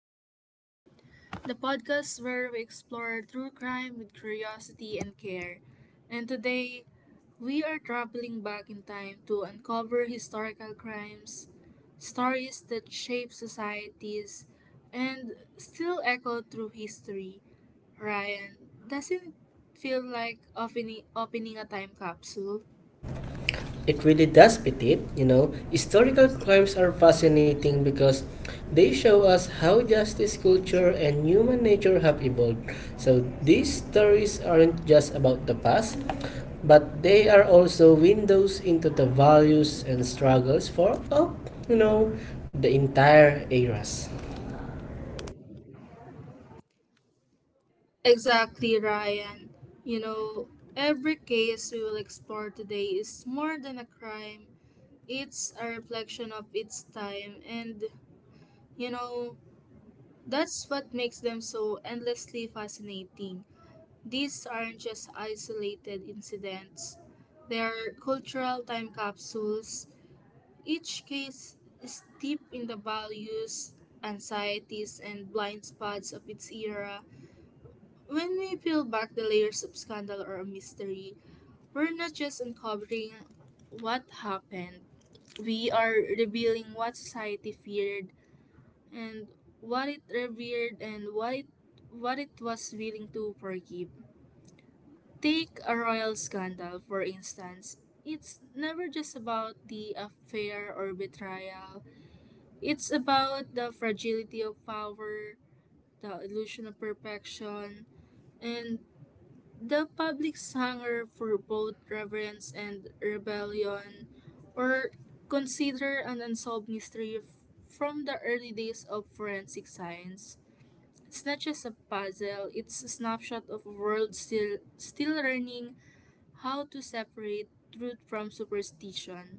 and Comfort, the podcast where we explore true crime with curiosity and care. And today, we are traveling back in time to uncover historical crimes, stories that shape societies, and still echo through history. Ryan, doesn't it feel like opening a time capsule? It really does, Petit. You know, historical crimes are fascinating because they show us how justice culture and human nature have evolved. So these stories aren't just about the past, but they are also windows into the values and struggles for, you know, the entire eras. Exactly, Ryan. You know, every case we will explore today is more than a crime, it's a reflection of its time, and, you know, that's what makes them so endlessly fascinating. These aren't just isolated incidents, they are cultural time capsules. Each case is deep in the values, anxieties, and blind spots of its era. When we peel back the layers of scandal or mystery, we're not just uncovering what happened, we are revealing what society feared and what it revered and what it was willing to forgive. Take a royal scandal, for instance. It's never just about the affair or betrayal. It's about the fragility of power, the illusion of perfection, and the public's hunger for both reverence and rebellion, or consider an from the early days of forensic science. It's not just a puzzle, it's a snapshot of a world still learning how to separate truth from superstition.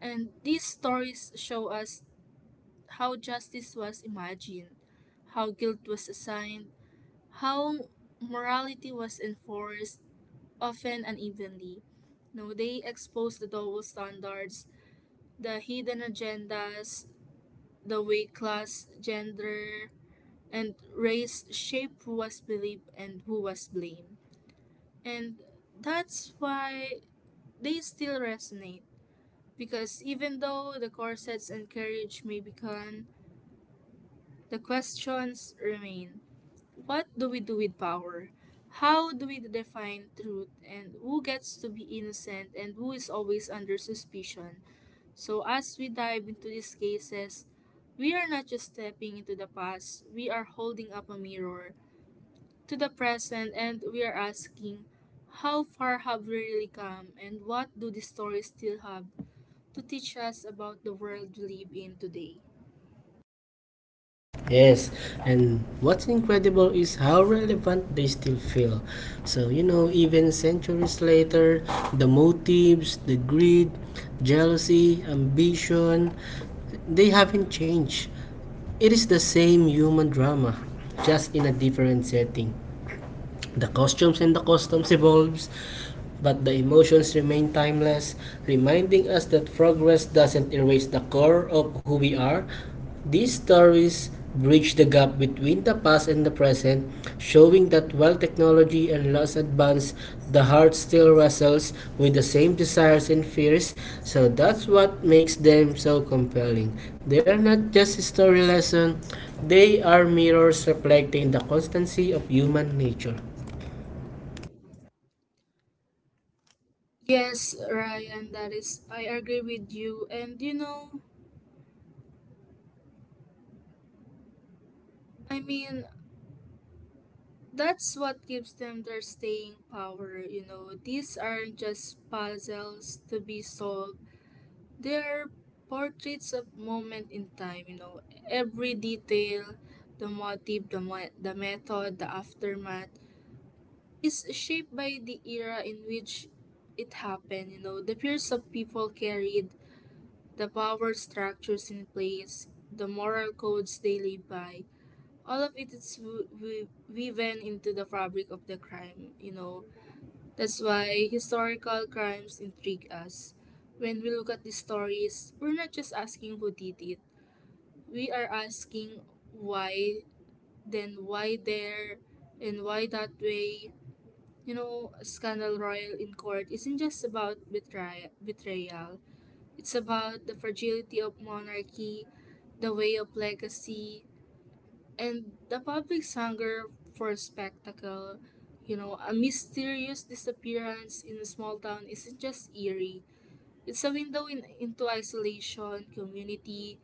And these stories show us how justice was imagined, how guilt was assigned, how morality was enforced, often unevenly. No, they expose the double standards, the hidden agendas, the way class, gender, and race shape who was believed and who was blamed. And that's why they still resonate. Because even though the corsets and carriage may be gone, the questions remain. What do we do with power? How do we define truth and who gets to be innocent and who is always under suspicion? So, as we dive into these cases, we are not just stepping into the past, we are holding up a mirror to the present and we are asking, how far have we really come and what do these stories still have to teach us about the world we live in today? Yes, and what's incredible is how relevant they still feel. So, even centuries later, the motives, the greed, jealousy, ambition, they haven't changed. It is the same human drama, just in a different setting. The costumes and the customs evolves, but the emotions remain timeless, reminding us that progress doesn't erase the core of who we are. These stories bridge the gap between the past and the present, showing that while technology and laws advance, the heart still wrestles with the same desires and fears. So that's what makes them so compelling. They are not just a story lesson, they are mirrors reflecting the constancy of human nature. Yes, Ryan, that is, I agree with you. And I mean, that's what gives them their staying power, you know. These aren't just puzzles to be solved. They're portraits of moment in time, you know. Every detail, the motive, the method, the aftermath is shaped by the era in which it happened, you know. The fears of people carried, the power structures in place, the moral codes they live by, all of it is woven into the fabric of the crime, you know, that's why historical crimes intrigue us. When we look at these stories, we're not just asking who did it. We are asking why, then why there, and why that way. You know, Scandal Royal in court isn't just about betrayal. It's about the fragility of monarchy, the way of legacy, and the public's hunger for spectacle. You know, a mysterious disappearance in a small town isn't just eerie. It's a window into isolation,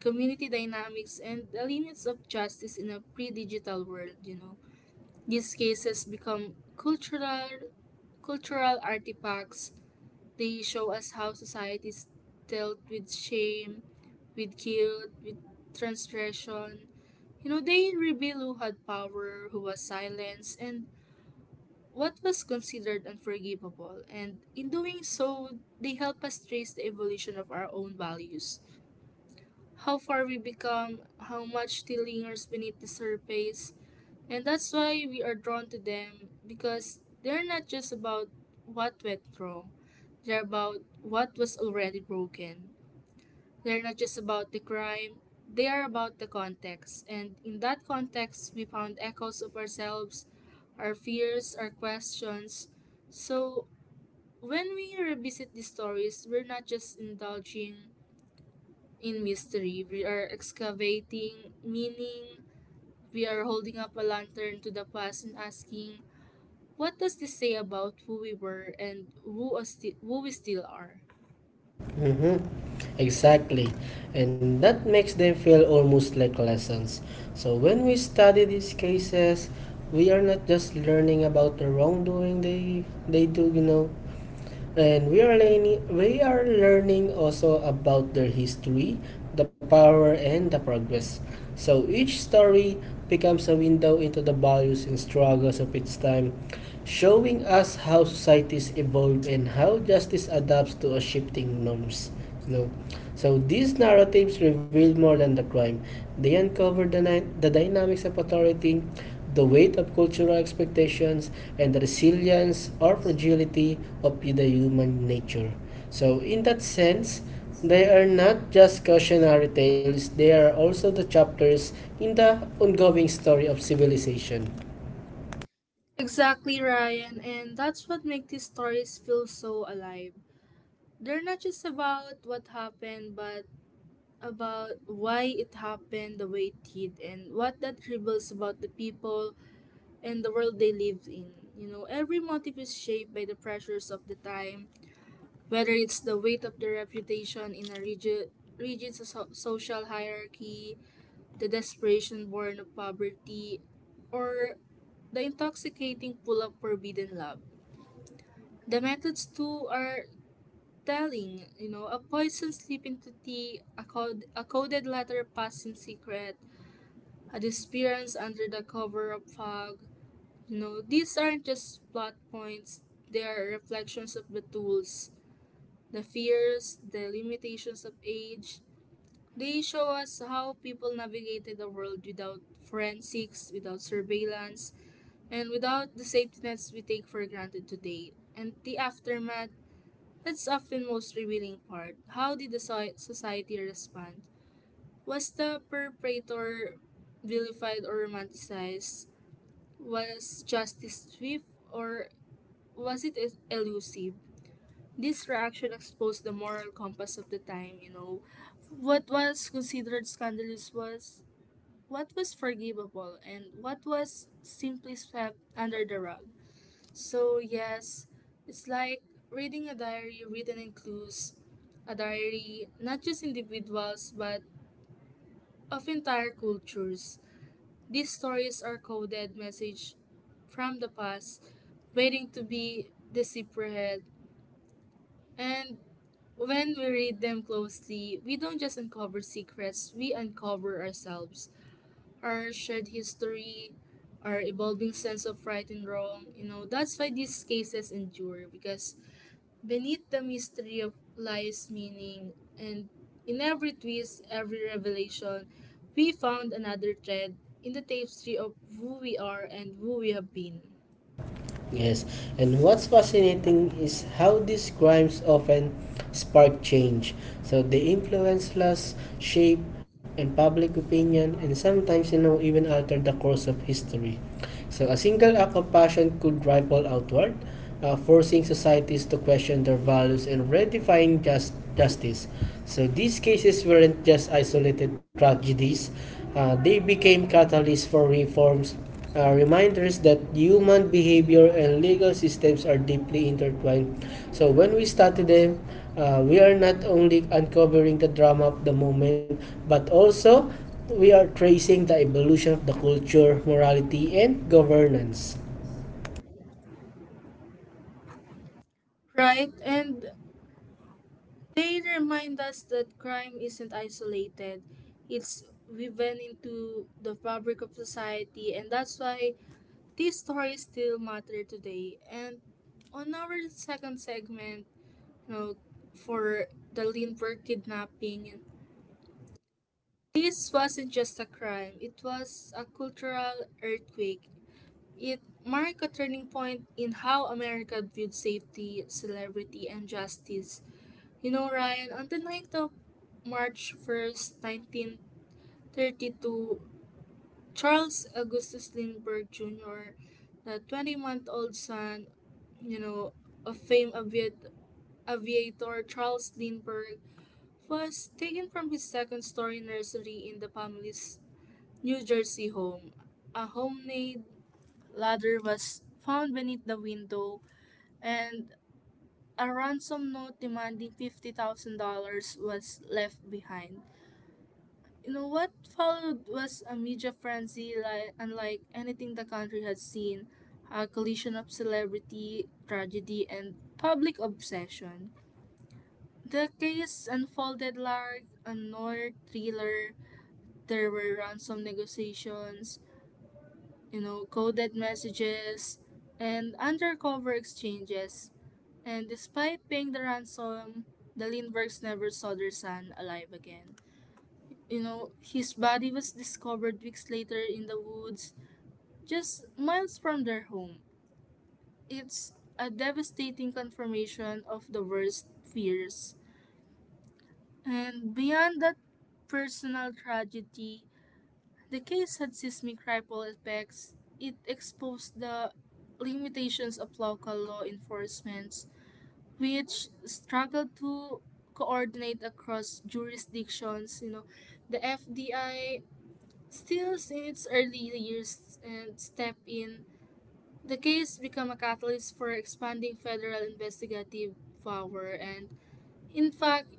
community dynamics, and the limits of justice in a pre-digital world. You know, these cases become cultural artifacts. They show us how societies dealt with shame, with guilt, with transgression. You know, they reveal who had power, who was silenced, and what was considered unforgivable. And in doing so, they help us trace the evolution of our own values, how far we become, how much still lingers beneath the surface. And that's why we are drawn to them, because they're not just about what went wrong, they're about what was already broken. They're not just about the crime, they are about the context. And in that context, we found echoes of ourselves, our fears, our questions. So when we revisit these stories, we're not just indulging in mystery, we are excavating meaning, we are holding up a lantern to the past and asking, what does this say about who we were and who, who we still are? Mm-hmm. Exactly. And that makes them feel almost like lessons. So when we study these cases, we are not just learning about the wrongdoing they do, and we are learning also about their history, the power and the progress. So each story becomes a window into the values and struggles of its time, showing us how societies evolve and how justice adapts to a shifting norms. No. So these narratives revealed more than the crime. They uncovered the dynamics of authority, the weight of cultural expectations, and the resilience or fragility of the human nature. So in that sense, they are not just cautionary tales, they are also the chapters in the ongoing story of civilization. Exactly, Ryan, and that's what makes these stories feel so alive. They're not just about what happened, but about why it happened the way it did and what that reveals about the people and the world they lived in. You know, every motive is shaped by the pressures of the time, whether it's the weight of their reputation in a rigid social hierarchy, the desperation born of poverty, or the intoxicating pull of forbidden love. The methods too are telling, you know, a poison slip into tea, a coded letter passed in secret, a disappearance under the cover of fog. You know, these aren't just plot points, they are reflections of the tools, the fears, the limitations of age. They show us how people navigated the world without forensics, without surveillance, and without the safety nets we take for granted today. And the aftermath, that's often most revealing part. How did the society respond? Was the perpetrator vilified or romanticized? Was justice swift or was it elusive? This reaction exposed the moral compass of the time, you know. What was considered scandalous was what was forgivable and what was simply swept under the rug. So, yes, it's like reading a diary written in clues, a diary not just individuals but of entire cultures. These stories are coded message from the past, waiting to be deciphered. And when we read them closely, we don't just uncover secrets, we uncover ourselves, our shared history, our evolving sense of right and wrong. You know, that's why these cases endure, because beneath the mystery of lies meaning, and in every twist, every revelation, we found another thread in the tapestry of who we are and who we have been. Yes, and what's fascinating is how these crimes often spark change. So they influence laws, shape, and public opinion, and sometimes, even alter the course of history. So a single act of passion could ripple outward, forcing societies to question their values and redefining justice. So these cases weren't just isolated tragedies. They became catalysts for reforms, reminders that human behavior and legal systems are deeply intertwined. So when we study them, we are not only uncovering the drama of the moment, but also we are tracing the evolution of the culture, morality, and governance. Right, and they remind us that crime isn't isolated, it's woven into the fabric of society, and that's why these stories still matter today. And on our second segment, you know, for the Lindbergh kidnapping, this wasn't just a crime, it was a cultural earthquake. It marked a turning point in how America viewed safety, celebrity, and justice. You know, Ryan, on the night of March 1st, 1932, Charles Augustus Lindbergh Jr., the 20-month-old son, you know, of aviator Charles Lindbergh, was taken from his second story nursery in the family's New Jersey home. A homemade ladder was found beneath the window, and a ransom note demanding $50,000 was left behind. You know, what followed was a media frenzy like, unlike anything the country had seen, a collision of celebrity, tragedy, and public obsession. The case unfolded like a noir thriller. There were ransom negotiations, you know, coded messages, and undercover exchanges. And despite paying the ransom, the Lindberghs never saw their son alive again. You know, his body was discovered weeks later in the woods, just miles from their home. It's a devastating confirmation of the worst fears. And beyond that personal tragedy, the case had seismic ripple effects. It exposed the limitations of local law enforcement, which struggled to coordinate across jurisdictions. You know, the FBI, still in its early years, and step in. The case became a catalyst for expanding federal investigative power, and in fact,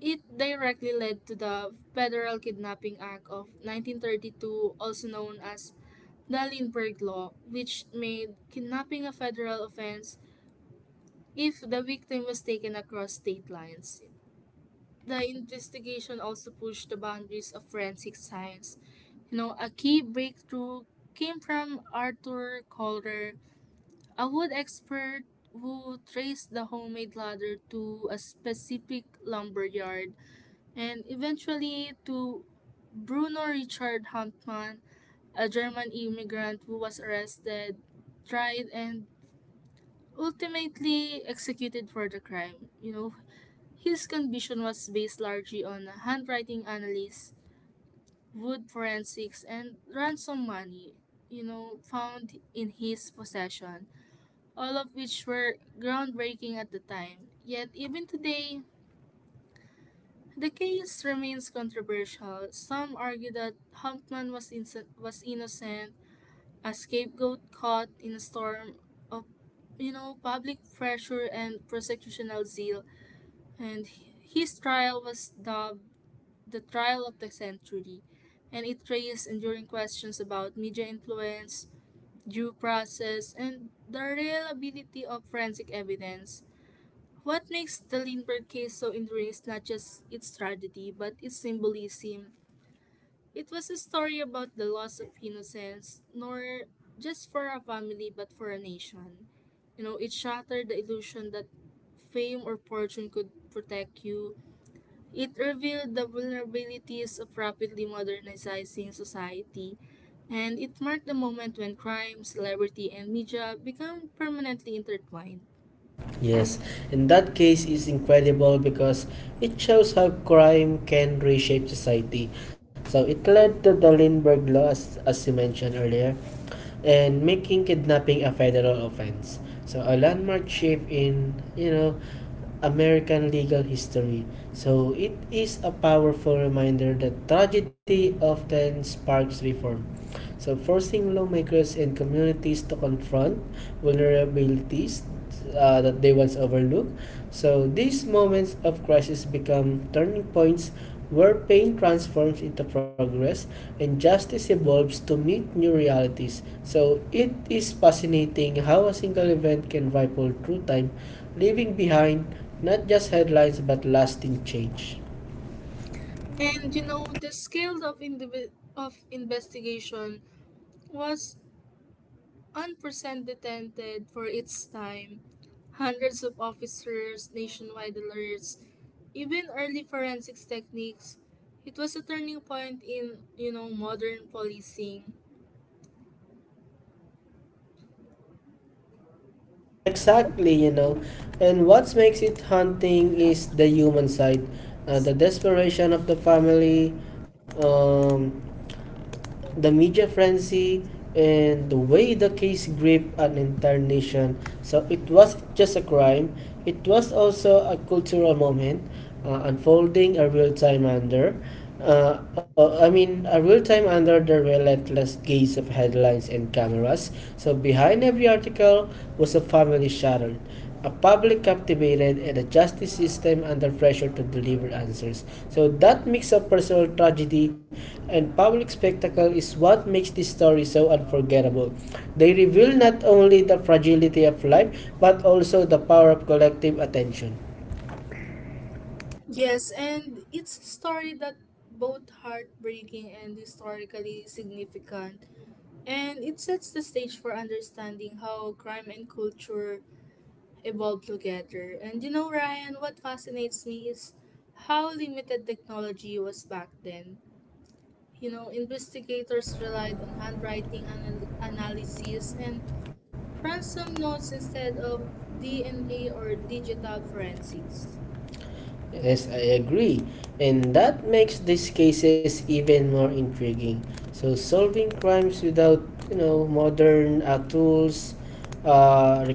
it directly led to the Federal Kidnapping Act of 1932, also known as the Lindbergh Law, which made kidnapping a federal offense if the victim was taken across state lines. The investigation also pushed the boundaries of forensic science. You know, a key breakthrough came from Arthur Calder, a wood expert who traced the homemade ladder to a specific lumberyard and eventually to Bruno Richard Hauptmann, a German immigrant who was arrested, tried, and ultimately executed for the crime. You know, his conviction was based largely on handwriting analysis, wood forensics, and ransom money, you know, found in his possession, all of which were groundbreaking at the time. Yet, even today, the case remains controversial. Some argue that Humpman was innocent, a scapegoat caught in a storm of, you know, public pressure and prosecutorial zeal, and his trial was dubbed the trial of the century, and it raised enduring questions about media influence, due process, and the reliability of forensic evidence. What makes the Lindbergh case so enduring is not just its tragedy, but its symbolism. It was a story about the loss of innocence, nor just for a family, but for a nation. You know, it shattered the illusion that fame or fortune could protect you. It revealed the vulnerabilities of rapidly modernizing society, and it marked the moment when crime, celebrity, and media become permanently intertwined. Yes, in that case is incredible because it shows how crime can reshape society. So it led to the Lindbergh Law, as you mentioned earlier, and making kidnapping a federal offense. So a landmark shift in, American legal history. So it is a powerful reminder that tragedy often sparks reform. So, forcing lawmakers and communities to confront vulnerabilities that they once overlooked. So, these moments of crisis become turning points where pain transforms into progress and justice evolves to meet new realities. So, it is fascinating how a single event can ripple through time, leaving behind not just headlines but lasting change. And you know, the scale of, of investigation was unprecedented for its time. Hundreds of officers, nationwide alerts, even early forensics techniques. It was a turning point in, you know, modern policing. Exactly, And what makes it haunting is the human side, the desperation of the family. Um, the media frenzy and the way the case gripped an entire nation. So it was just a crime. It was also a cultural moment, unfolding a real time under. I mean, a real time under the relentless gaze of headlines and cameras. So behind every article was a family shattered, a public captivated and a justice system under pressure to deliver answers. So that mix of personal tragedy and public spectacle is what makes this story so unforgettable. They reveal not only the fragility of life but also the power of collective attention. Yes, and it's a story that both heartbreaking and historically significant, and it sets the stage for understanding how crime and culture evolved together. Ryan, what fascinates me is how limited technology was back then. You know, investigators relied on handwriting analysis and ransom notes instead of DNA or digital forensics. Yes, I agree. And that makes these cases even more intriguing. So solving crimes without, you know, modern tools uh,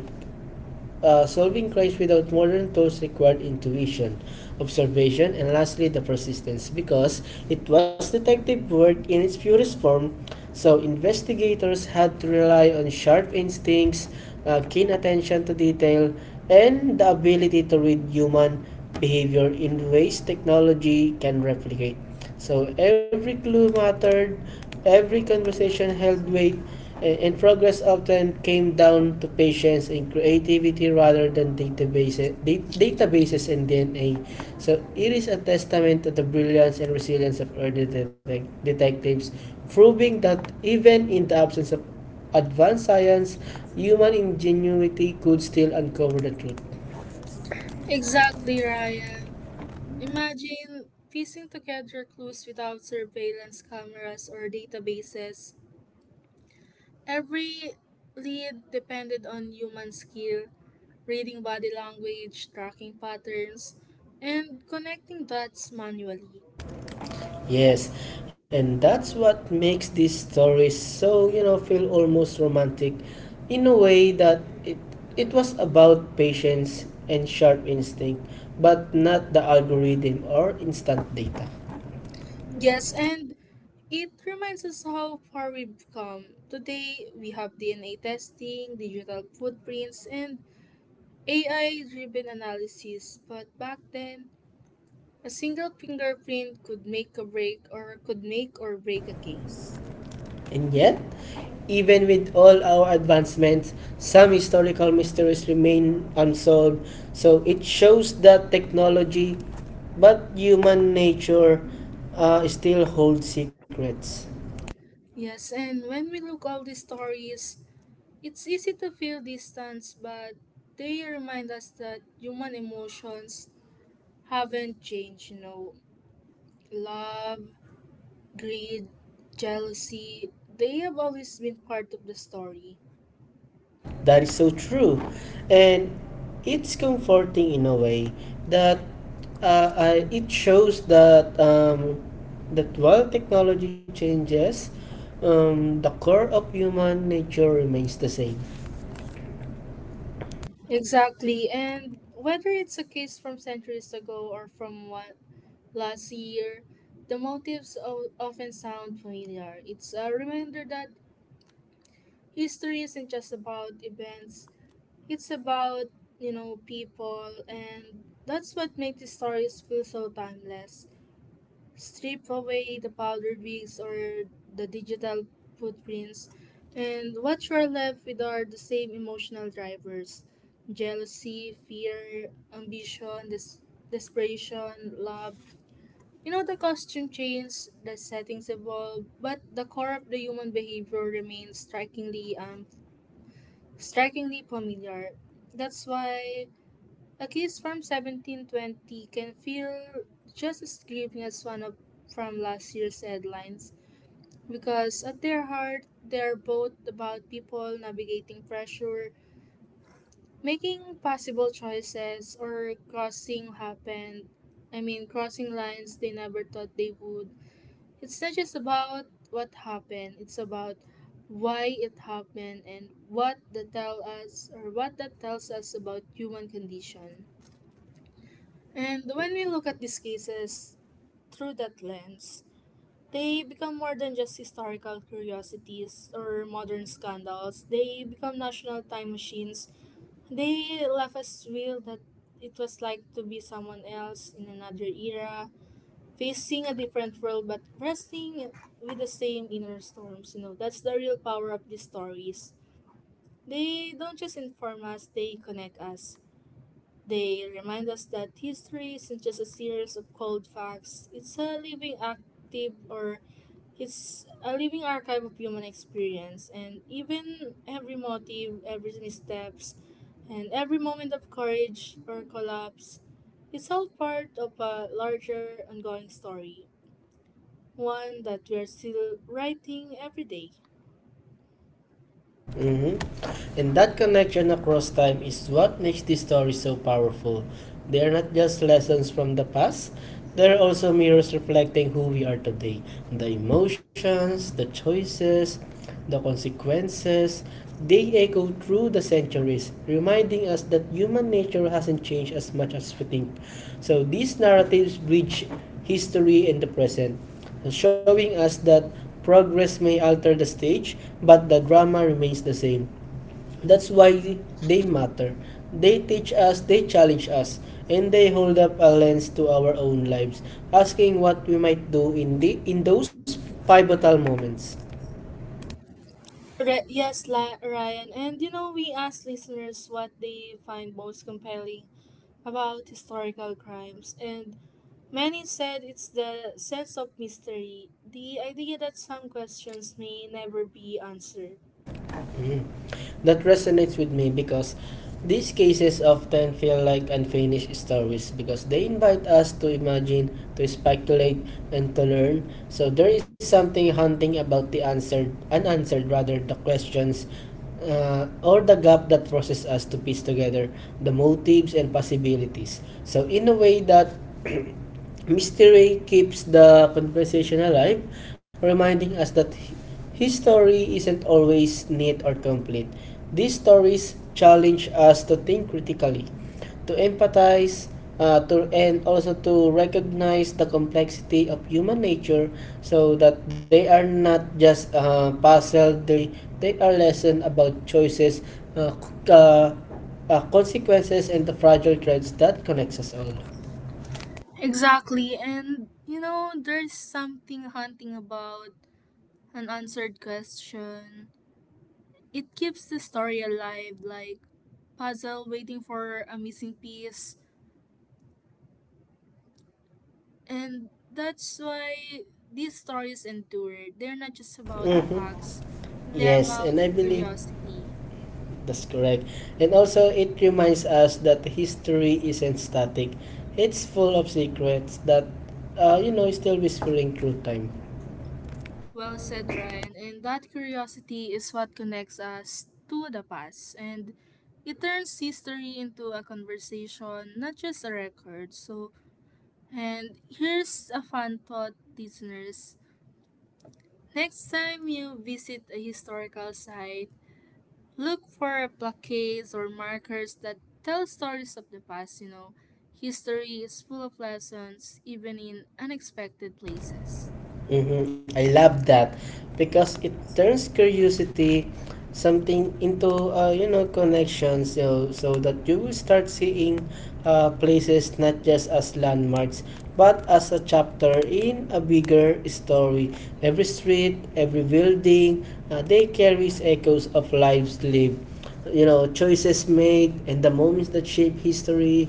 solving crimes without modern tools required intuition, observation, and lastly the persistence because it was detective work in its purest form. So investigators had to rely on sharp instincts, keen attention to detail, and the ability to read human behavior in ways technology can replicate. So every clue mattered, every conversation held weight, And progress often came down to patience and creativity rather than databases and DNA. So it is a testament to the brilliance and resilience of early detectives, proving that even in the absence of advanced science, human ingenuity could still uncover the truth. Exactly, Ryan. Imagine piecing together clues without surveillance cameras or databases. Every lead depended on human skill, reading body language, tracking patterns, and connecting dots manually. Yes, and that's what makes these stories so, feel almost romantic in a way that it was about patience and sharp instinct, but not the algorithm or instant data. Yes, and it reminds us how far we've come. Today, we have DNA testing, digital footprints, and AI driven analysis, but back then, a single fingerprint could make a break or could make or break a case. And yet, even with all our advancements, some historical mysteries remain unsolved. So it shows that technology, but human nature still holds secrets. Yes, and when we look all these stories, it's easy to feel distance, but They remind us that human emotions haven't changed. Love, greed, jealousy, they have always been part of the story. That is so true. And it's comforting in a way that it shows that that while technology changes, the core of human nature remains the same. Exactly, and whether it's a case from centuries ago or from what last year, the motives often sound familiar. It's a reminder that history isn't just about events; it's about people, and that's what makes the stories feel so timeless. Strip away the powdered wigs or the digital footprints, and what you're left with are the same emotional drivers jealousy, fear, ambition, desperation, love. You know, the costume change, the settings evolve, but the core of the human behavior remains strikingly familiar. That's why a kiss from 1720 can feel just as gripping as one of, from last year's headlines because at their heart, they're both about people navigating pressure, making possible choices, or crossing happened. I mean, crossing lines they never thought they would. It's not just about what happened, it's about why it happened and what that tell us or what that tells us about human condition. And when we look at these cases through that lens, they become more than just historical curiosities or modern scandals. They become national time machines. They left us feel that it was like to be someone else in another era, facing a different world but wrestling with the same inner storms. You know, that's the real power of these stories. They don't just inform us, they connect us. They remind us that history isn't just a series of cold facts. It's a living active or it's a living archive of human experience and even every motive, every missteps, and every moment of courage or collapse, it's all part of a larger ongoing story, one that we're still writing every day. hmm And that connection across time is what makes these stories so powerful. They are not just lessons from the past, they are also mirrors reflecting who we are today the emotions, the choices, the consequences. They echo through the centuries, reminding us that human nature hasn't changed as much as we think. So these narratives bridge history and the present showing us that progress may alter the stage, but the drama remains the same. That's why they matter. They teach us, they challenge us, and they hold up a lens to our own lives, asking what we might do in those pivotal moments. Yes, Ryan. And you know, we asked listeners what they find most compelling about historical crimes, and many said it's the sense of mystery, the idea that some questions may never be answered. Mhm. That resonates with me because these cases often feel like unfinished stories because they invite us to imagine, to speculate, and to learn. So there is something haunting about unanswered rather, the questions or the gap that forces us to piece together the motives and possibilities. So in a way that Mystery keeps the conversation alive, reminding us that his story isn't always neat or complete. These stories challenge us to think critically, to empathize, and also to recognize the complexity of human nature so that they are not just puzzle, they are lesson about choices, uh, c- uh, consequences, and the fragile threads that connects us all. Exactly, and you know, there's something haunting about an answered question. It keeps the story alive, like puzzle waiting for a missing piece. And that's why these stories endure. They're not just about Mhm. facts, they're Yes, about and I believe curiosity. that's correct. And also, it reminds us that history isn't static. It's full of secrets that, is still whispering through time. Well said, Ryan. And that curiosity is what connects us to the past. And it turns history into a conversation, not just a record. So, and here's a fun thought, listeners. Next time you visit a historical site, look for plaques or markers that tell stories of the past. History is full of lessons, even in unexpected places. Mm-hmm. I love that because it turns curiosity something into connections, you know, so that you will start seeing places not just as landmarks but as a chapter in a bigger story. Every street, every building, they carries echoes of lives lived, you know, choices made and the moments that shape history.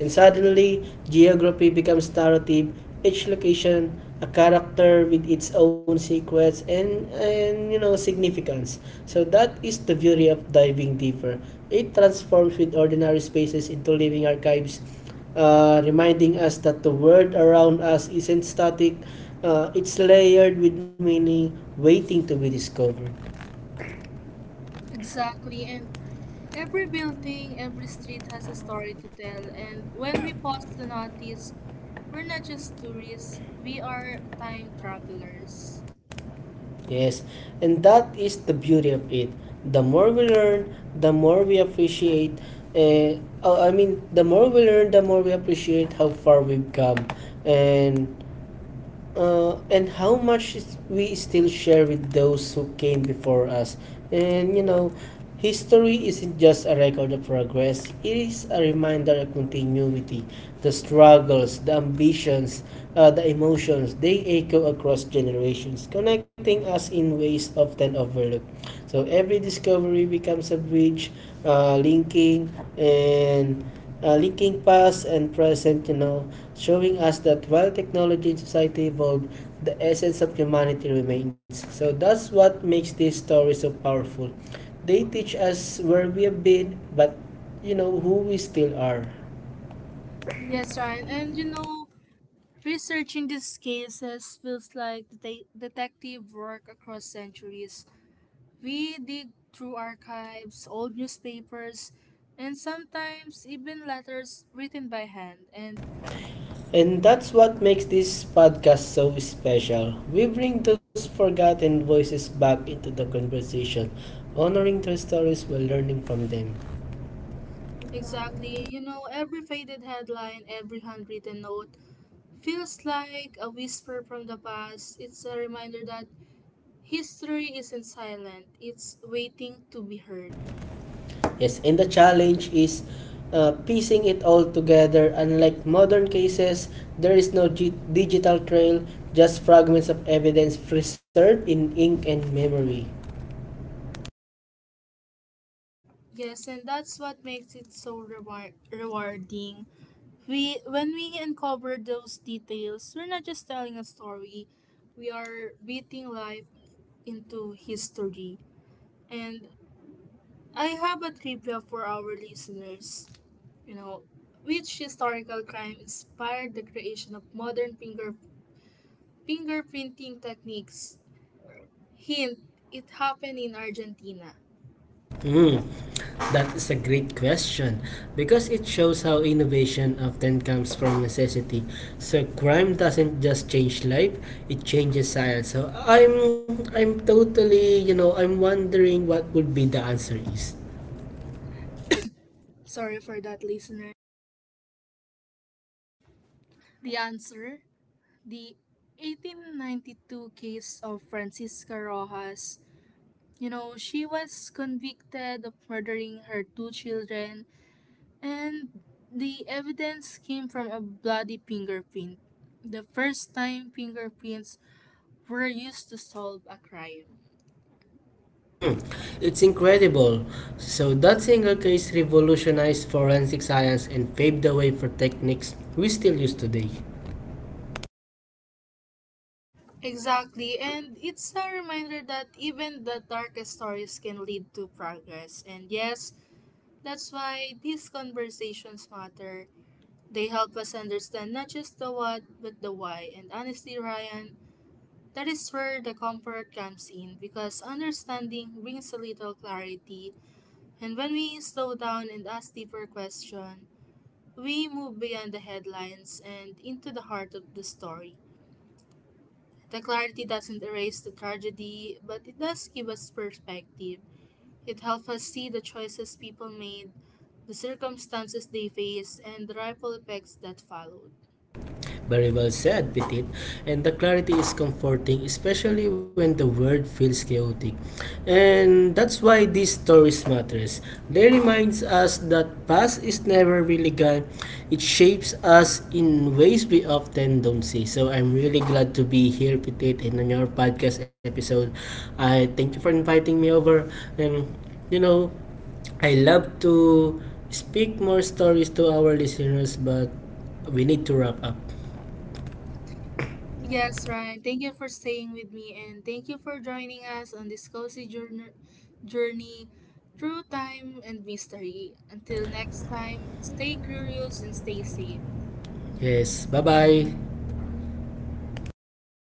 And suddenly geography becomes narrative, each location a character with its own secrets and you know significance. So that is the beauty of diving deeper. It transforms with ordinary spaces into living archives, reminding us that the world around us isn't static. It's layered with meaning, waiting to be discovered. Exactly, and every building, every street has a story to tell, and when we pause to notice, we're not just tourists, we are time travelers. Yes, and that is the beauty of it. The more we learn, the more we appreciate. Uh, I mean, The more we learn, the more we appreciate how far we've come. And how much we still share with those who came before us. And you know, history isn't just a record of progress, it is a reminder of continuity. The struggles, the ambitions, the emotions, they echo across generations, connecting us in ways often overlooked. So every discovery becomes a bridge, uh, linking linking past and present, you know, showing us that while technology and society evolve, the essence of humanity remains. So that's what makes these stories so powerful. They teach us where we have been, but who we still are. Yes, Ryan, and you know, researching these cases feels like detective work across centuries. We dig through archives, old newspapers, and sometimes even letters written by hand. And And that's what makes this podcast so special. We bring those forgotten voices back into the conversation, honoring their stories while learning from them. exactly, you know, every faded headline, every handwritten note feels like a whisper from the past. It's a reminder that history isn't silent, it's waiting to be heard. Yes, and the challenge is piecing it all together. Unlike modern cases, there is no digital trail, just fragments of evidence preserved in ink and memory. Yes, and that's what makes it so rewarding. We when we uncover those details, we're not just telling a story. We are beating life into history. And I have a trivia for our listeners. You know, which historical crime inspired the creation of modern fingerprinting techniques? Hint: it happened in Argentina. Hmm, that is a great question because it shows how innovation often comes from necessity. So crime doesn't just change life; it changes science. So I'm totally, you know, I'm wondering what would be the answer is. Sorry for that, listener. The answer the 1892 case of Francisca Rojas. You know, she was convicted of murdering her two children, and the evidence came from a bloody fingerprint. The first time fingerprints were used to solve a crime. Mm, it's incredible. So that single case revolutionized forensic science and paved the way for techniques we still use today. Exactly, and it's a reminder that even the darkest stories can lead to progress. And yes, that's why these conversations matter. They help us understand not just the what, but the why. And honestly, Ryan, that is where the comfort comes in because understanding brings a little clarity. And when we slow down and ask deeper questions, we move beyond the headlines and into the heart of the story. The clarity doesn't erase the tragedy, but it does give us perspective. It helps us see the choices people made, the circumstances they faced, and the ripple effects that followed. Very well said, Petit. And the clarity is comforting, especially when the world feels chaotic. And that's why these stories matters. They reminds us that past is never really gone. It shapes us in ways we often don't see. So I'm really glad to be here, Petit, and on your podcast episode. I thank you for inviting me over. And you know, I love to speak more stories to our listeners, but we need to wrap up. Yes, Ryan. Thank you for staying with me and thank you for joining us on this cozy journey through time and mystery. Until next time, stay curious and stay safe. Yes. Bye bye.